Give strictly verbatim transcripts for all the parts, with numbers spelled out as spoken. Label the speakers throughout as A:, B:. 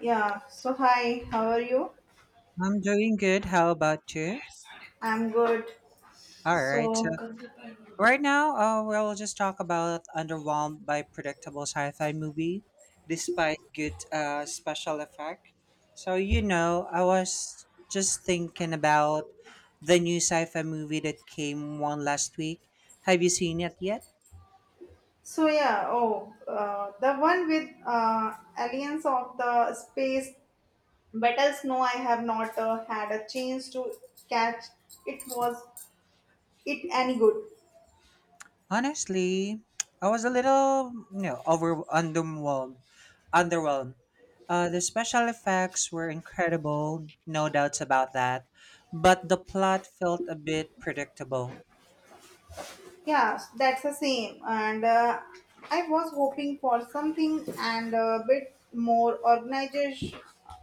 A: Yeah. So hi, how are you?
B: I'm doing good. How about you?
A: I'm good.
B: All right. So
A: So,
B: right now, uh, we'll just talk about underwhelmed by predictable sci-fi movie, despite good uh, special effect. So you know, I was just thinking about the new sci-fi movie that came one last week. Have you seen it yet?
A: so yeah. Oh, uh, the one with uh, aliens of the space battles. No, I have not uh, had a chance to catch. It was it any good?
B: Honestly, I was a little, you know, over underwhelmed. Underwhelmed. Uh, the special effects were incredible, no doubts about that, but the plot felt a bit predictable.
A: Yeah, that's the same. And uh, I was hoping for something and a bit more organized,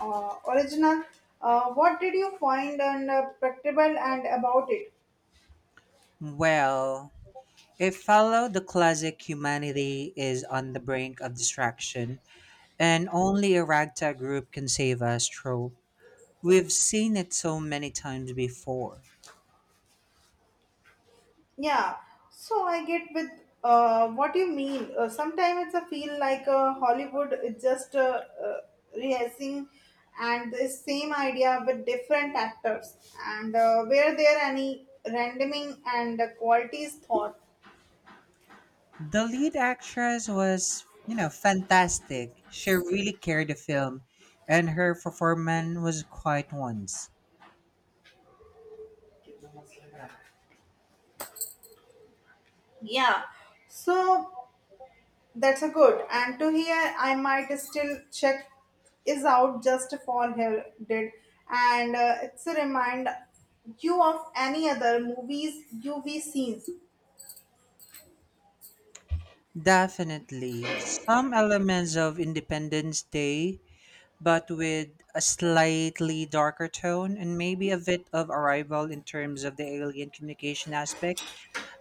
A: uh, original. Uh, what did you find and uh, practicable and about it?
B: Well, it followed the classic humanity is on the brink of distraction, and only a ragtag group can save us trope. We've seen it so many times before.
A: Yeah, so I get with uh, what you mean. Uh, sometimes it's a feel like uh, Hollywood is just uh, uh, rehearsing and the same idea with different actors, and uh, were there any randoming and the quality is thought.
B: The lead actress was, you know, fantastic. She really carried the film, and her performance was quite once.
A: Yeah, so that's a good. And to hear, I might still check is out just for her did, and uh, it's a reminder you of any other movies you we seen.
B: Definitely some elements of Independence Day, but with a slightly darker tone and maybe a bit of arrival in terms of the alien communication aspect,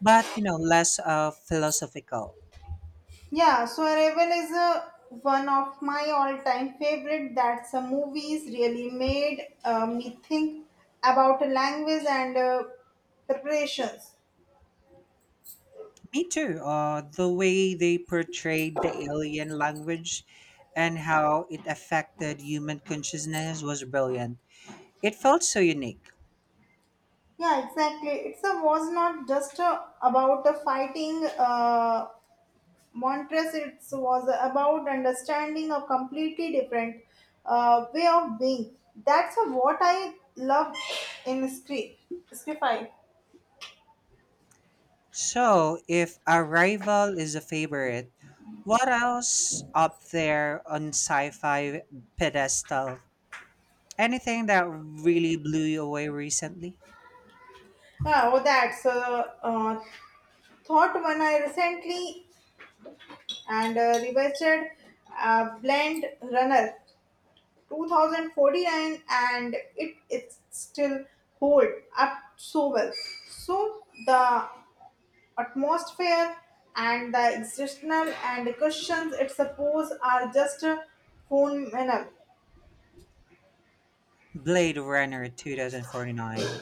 B: but you know, less uh, philosophical.
A: Yeah, so Arrival is a, one of my all-time favorite. That's a movies really made uh, me think about a language and uh, preparations.
B: Me too. Uh, the way they portrayed the alien language and how it affected human consciousness was brilliant. It felt so unique.
A: Yeah, exactly. It's a was not just uh, about a fighting uh, Montres. It was about understanding a completely different uh, way of being. That's uh, what I love in script. Scriptify.
B: So, if Arrival is a favorite, what else up there on sci fi pedestal? Anything that really blew you away recently?
A: Oh, that's uh, uh, Thought when I recently and uh, revisited uh, Blend Runner twenty forty-nine and it it still hold up so well. So the atmosphere and the existential and the questions it suppose are just a phenomenal.
B: Blade Runner two thousand forty-nine.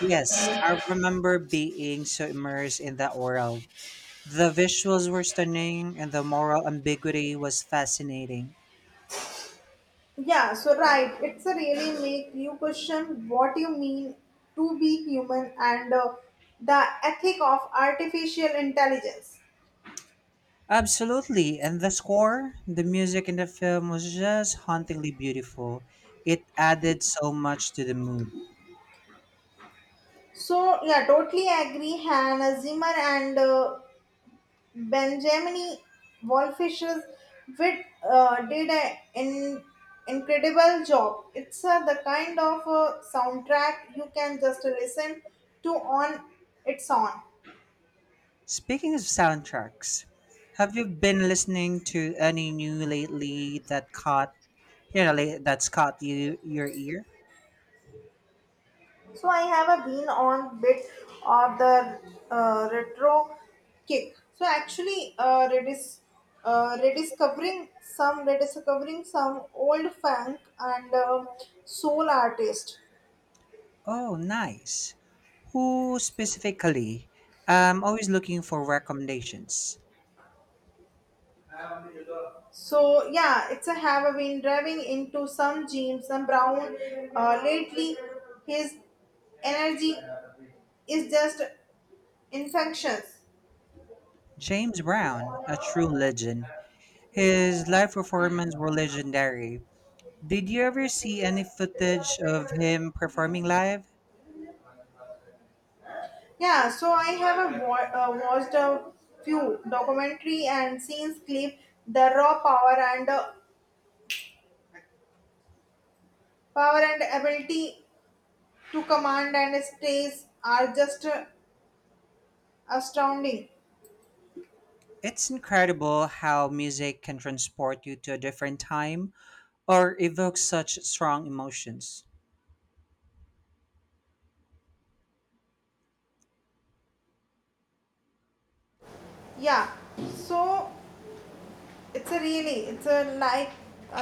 B: Yes, I remember being so immersed in that world. The visuals were stunning and the moral ambiguity was fascinating.
A: Yeah, so right, it's a really make you question what you mean to be human and uh, the ethic of artificial intelligence.
B: Absolutely, and the score, the music in the film was just hauntingly beautiful. It added so much to the mood.
A: So yeah, totally agree. Hannah Zimmer and uh, Benjamin Wallfisher's with uh, did an in, incredible job. It's uh, the kind of uh, soundtrack you can just listen to on its own.
B: Speaking of soundtracks, have you been listening to any new lately that caught, you know, la- that's caught you your ear?
A: So I have a been on bit of the uh, retro kick. So actually, uh, redis, uh, rediscovering some rediscovering some old funk and uh, soul artist.
B: Oh, nice. Who specifically? I'm always looking for recommendations.
A: So yeah, it's a have been driving into some James and Brown uh, lately. His energy is just infectious.
B: James Brown, a true legend. His live performances were legendary. Did you ever see any footage of him performing live?
A: Yeah, so I have a, wa- uh, watched a few documentary and scenes clip the raw power and uh, power and ability to command and stays are just uh, astounding.
B: It's incredible how music can transport you to a different time or evoke such strong emotions.
A: Yeah, so it's a really it's a like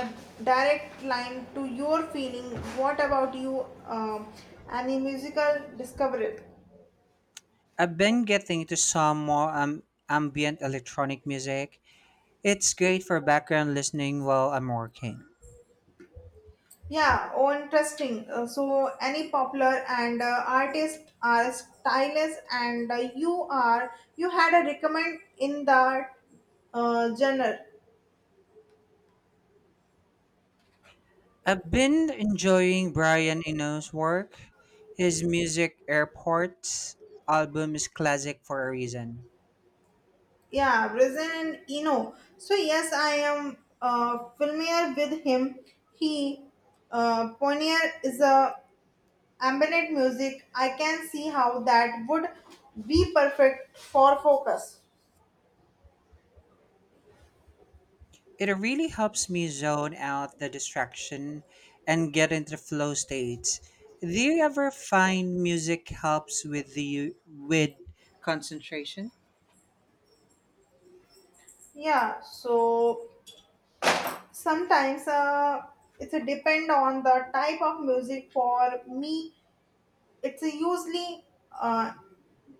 A: a direct line to your feeling. What about you? Um, any musical discovery?
B: I've been getting into some more um, ambient electronic music. It's great for background listening while I'm working.
A: Yeah, oh, interesting. Uh, so, any popular and uh, artist are stylist, and uh, you are you had a recommend in that uh, genre.
B: I've been enjoying Brian Eno's work. His music, Airport album, is classic for a reason.
A: Yeah, Brazil and Eno. So yes, I am uh, familiar with him. He uh, pioneer is a ambient music. I can see how that would be perfect for focus.
B: It really helps me zone out the distraction and get into the flow state. Do you ever find music helps with the with concentration?
A: Yeah, so sometimes uh, it's a depend on the type of music for me it's a usually uh,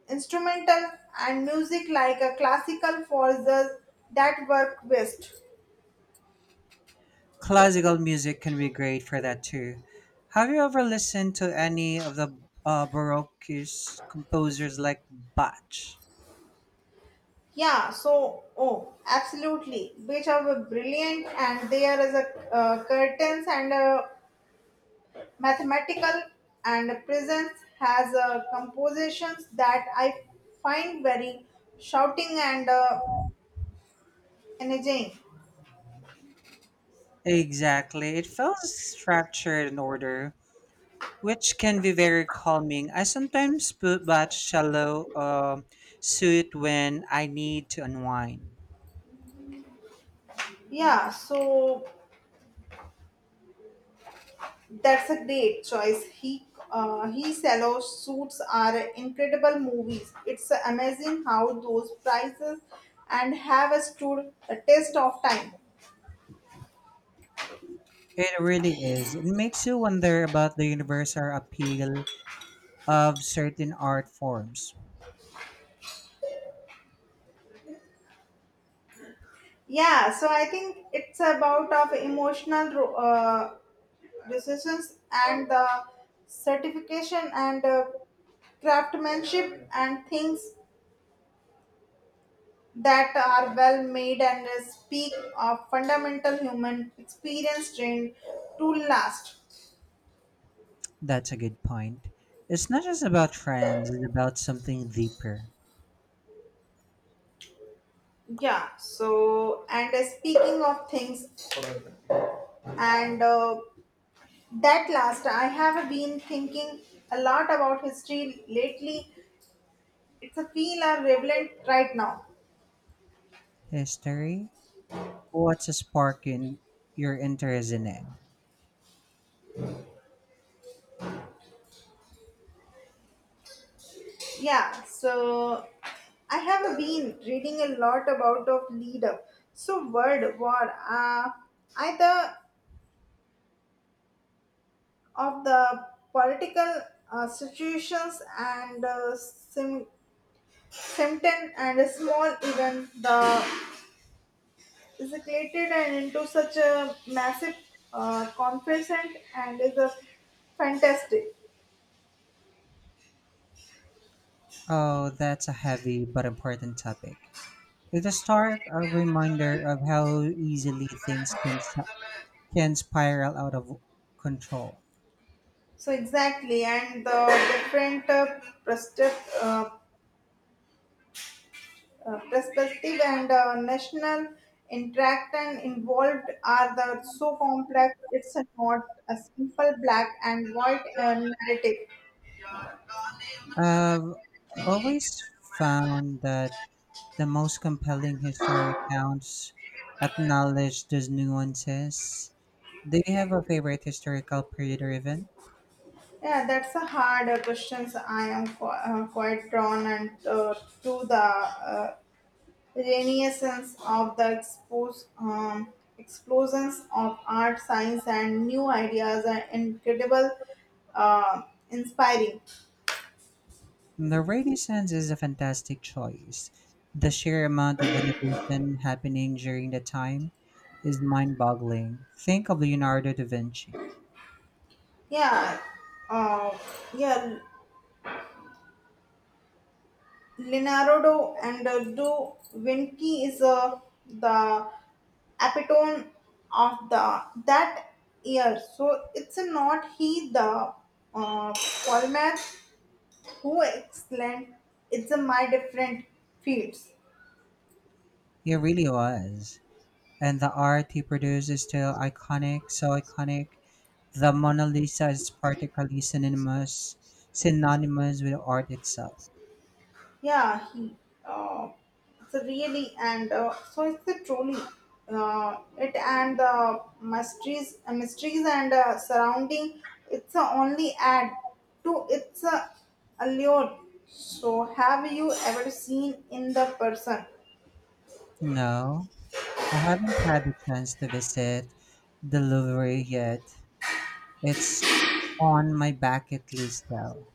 A: instrumental and music like a classical for the that work best.
B: Classical music can be great for that too. Have you ever listened to any of the uh, Baroque composers like Bach?
A: Yeah, so oh absolutely which are brilliant and there is a uh, curtains and a mathematical and a presence has a compositions that I find very shouting and uh, energizing.
B: Exactly. It felt structured and order, which can be very calming. I sometimes put that shallow uh, suit when I need to unwind.
A: Yeah, so that's a great choice. He uh, he yellow suits are incredible movies. It's amazing how those prices and have stood the test of time.
B: It really is. It makes you wonder about the universal appeal of certain art forms.
A: Yeah, so I think it's about of emotional ro- uh, decisions and the certification and uh, craftsmanship and things that are well made and speak of fundamental human experience trained to last.
B: That's a good point. It's not just about friends, it's about something deeper.
A: Yeah, so and uh, speaking of things and uh, that last, I have been thinking a lot about history lately. It's a feel are relevant right now.
B: History? What's a spark in your interest in it?
A: Yeah, so I have been reading a lot about of leader. So world war, uh, either of the political uh, situations and uh, sim- symptom and a small event the escalated and into such a massive uh, conference and is a fantastic.
B: Oh, that's a heavy but important topic. It's a stark uh, reminder of how easily things can, s- can spiral out of control.
A: So exactly and the different uh, perspective, uh, uh, perspective and uh, national interact and involved are the so complex it's not a simple black and white uh, narrative.
B: I've always found that the most compelling historic accounts acknowledge those nuances. Do you have a favorite historical period or event?
A: Yeah, that's a hard uh, questions. I am qu- uh, quite drawn and uh, to the uh, renaissance of the expose, um, explosions of art, science, and new ideas are incredible, uh, inspiring.
B: The Renaissance is a fantastic choice. The sheer amount of innovation happening during the time is mind boggling. Think of Leonardo da Vinci.
A: Yeah, uh, yeah. Leonardo and uh, Da Vinci is uh, the epitome of the that year. So it's not he the uh, polymath who excellent. It's a my different fields.
B: It really was. And the art he produced is still iconic, so iconic. The Mona Lisa is particularly synonymous, synonymous with art itself.
A: Yeah, he. Uh, it's a really and uh, so it's the truly uh, it and the mysteries, uh, mysteries and uh, surrounding. It's a only add to its uh, allure. So have you ever seen in the person?
B: No, I haven't had the chance to visit the Louvre yet. It's on my bucket list though.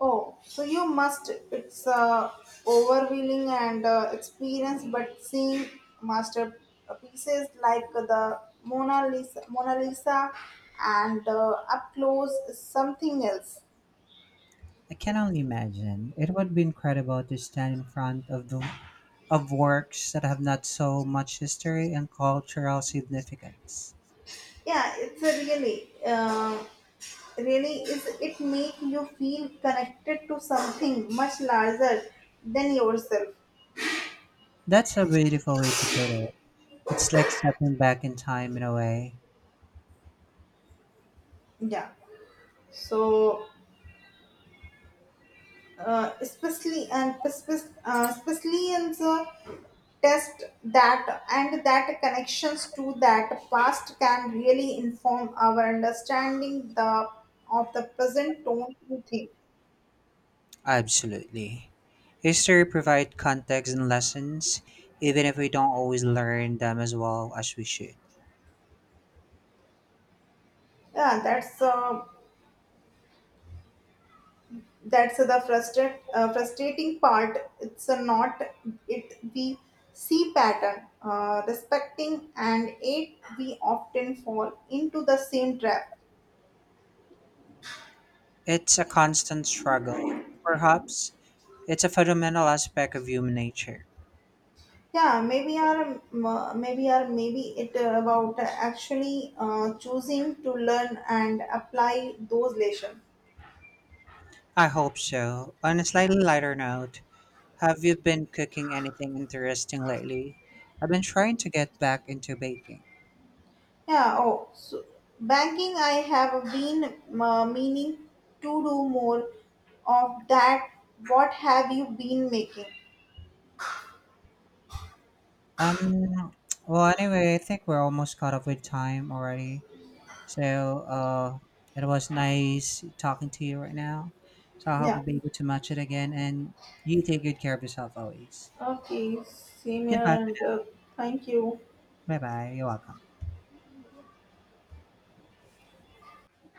A: Oh, so you must. It's uh, overwhelming and uh, experience, but seeing masterpieces like the Mona Lisa, Mona Lisa, and uh, up close is something else.
B: I can only imagine. It would be incredible to stand in front of the of works that have not so much history and cultural significance.
A: Yeah, it's a really, uh, really is it make you feel connected to something much larger than yourself.
B: That's a beautiful way to put it. It's like stepping back in time in a way.
A: Yeah. So, uh, especially and especially, uh, especially in the test that and that connections to that past can really inform our understanding the of the present don't you think.
B: Absolutely. History provides context and lessons, even if we don't always learn them as well as we should.
A: Yeah, that's uh, that's the frustrate, uh, frustrating part it's a not it we see pattern uh, respecting and it we often fall into the same trap.
B: It's a constant struggle. Perhaps it's a fundamental aspect of human nature.
A: Yeah maybe our uh, maybe our maybe it uh, about actually uh, choosing to learn and apply those lessons.
B: I hope so. On a slightly lighter note, have you been cooking anything interesting lately? I've been trying to get back into baking.
A: Yeah, oh so banking I have been uh, meaning to do more of that. What have you been making?
B: Um, well, anyway, I think we're almost caught up with time already. So, uh, it was nice talking to you right now. So, I hope
A: Yeah.
B: we'll be able to match it again. And you take good care of yourself always.
A: Okay, same here,
B: Goodbye.
A: and uh, thank you.
B: Bye bye. You're welcome.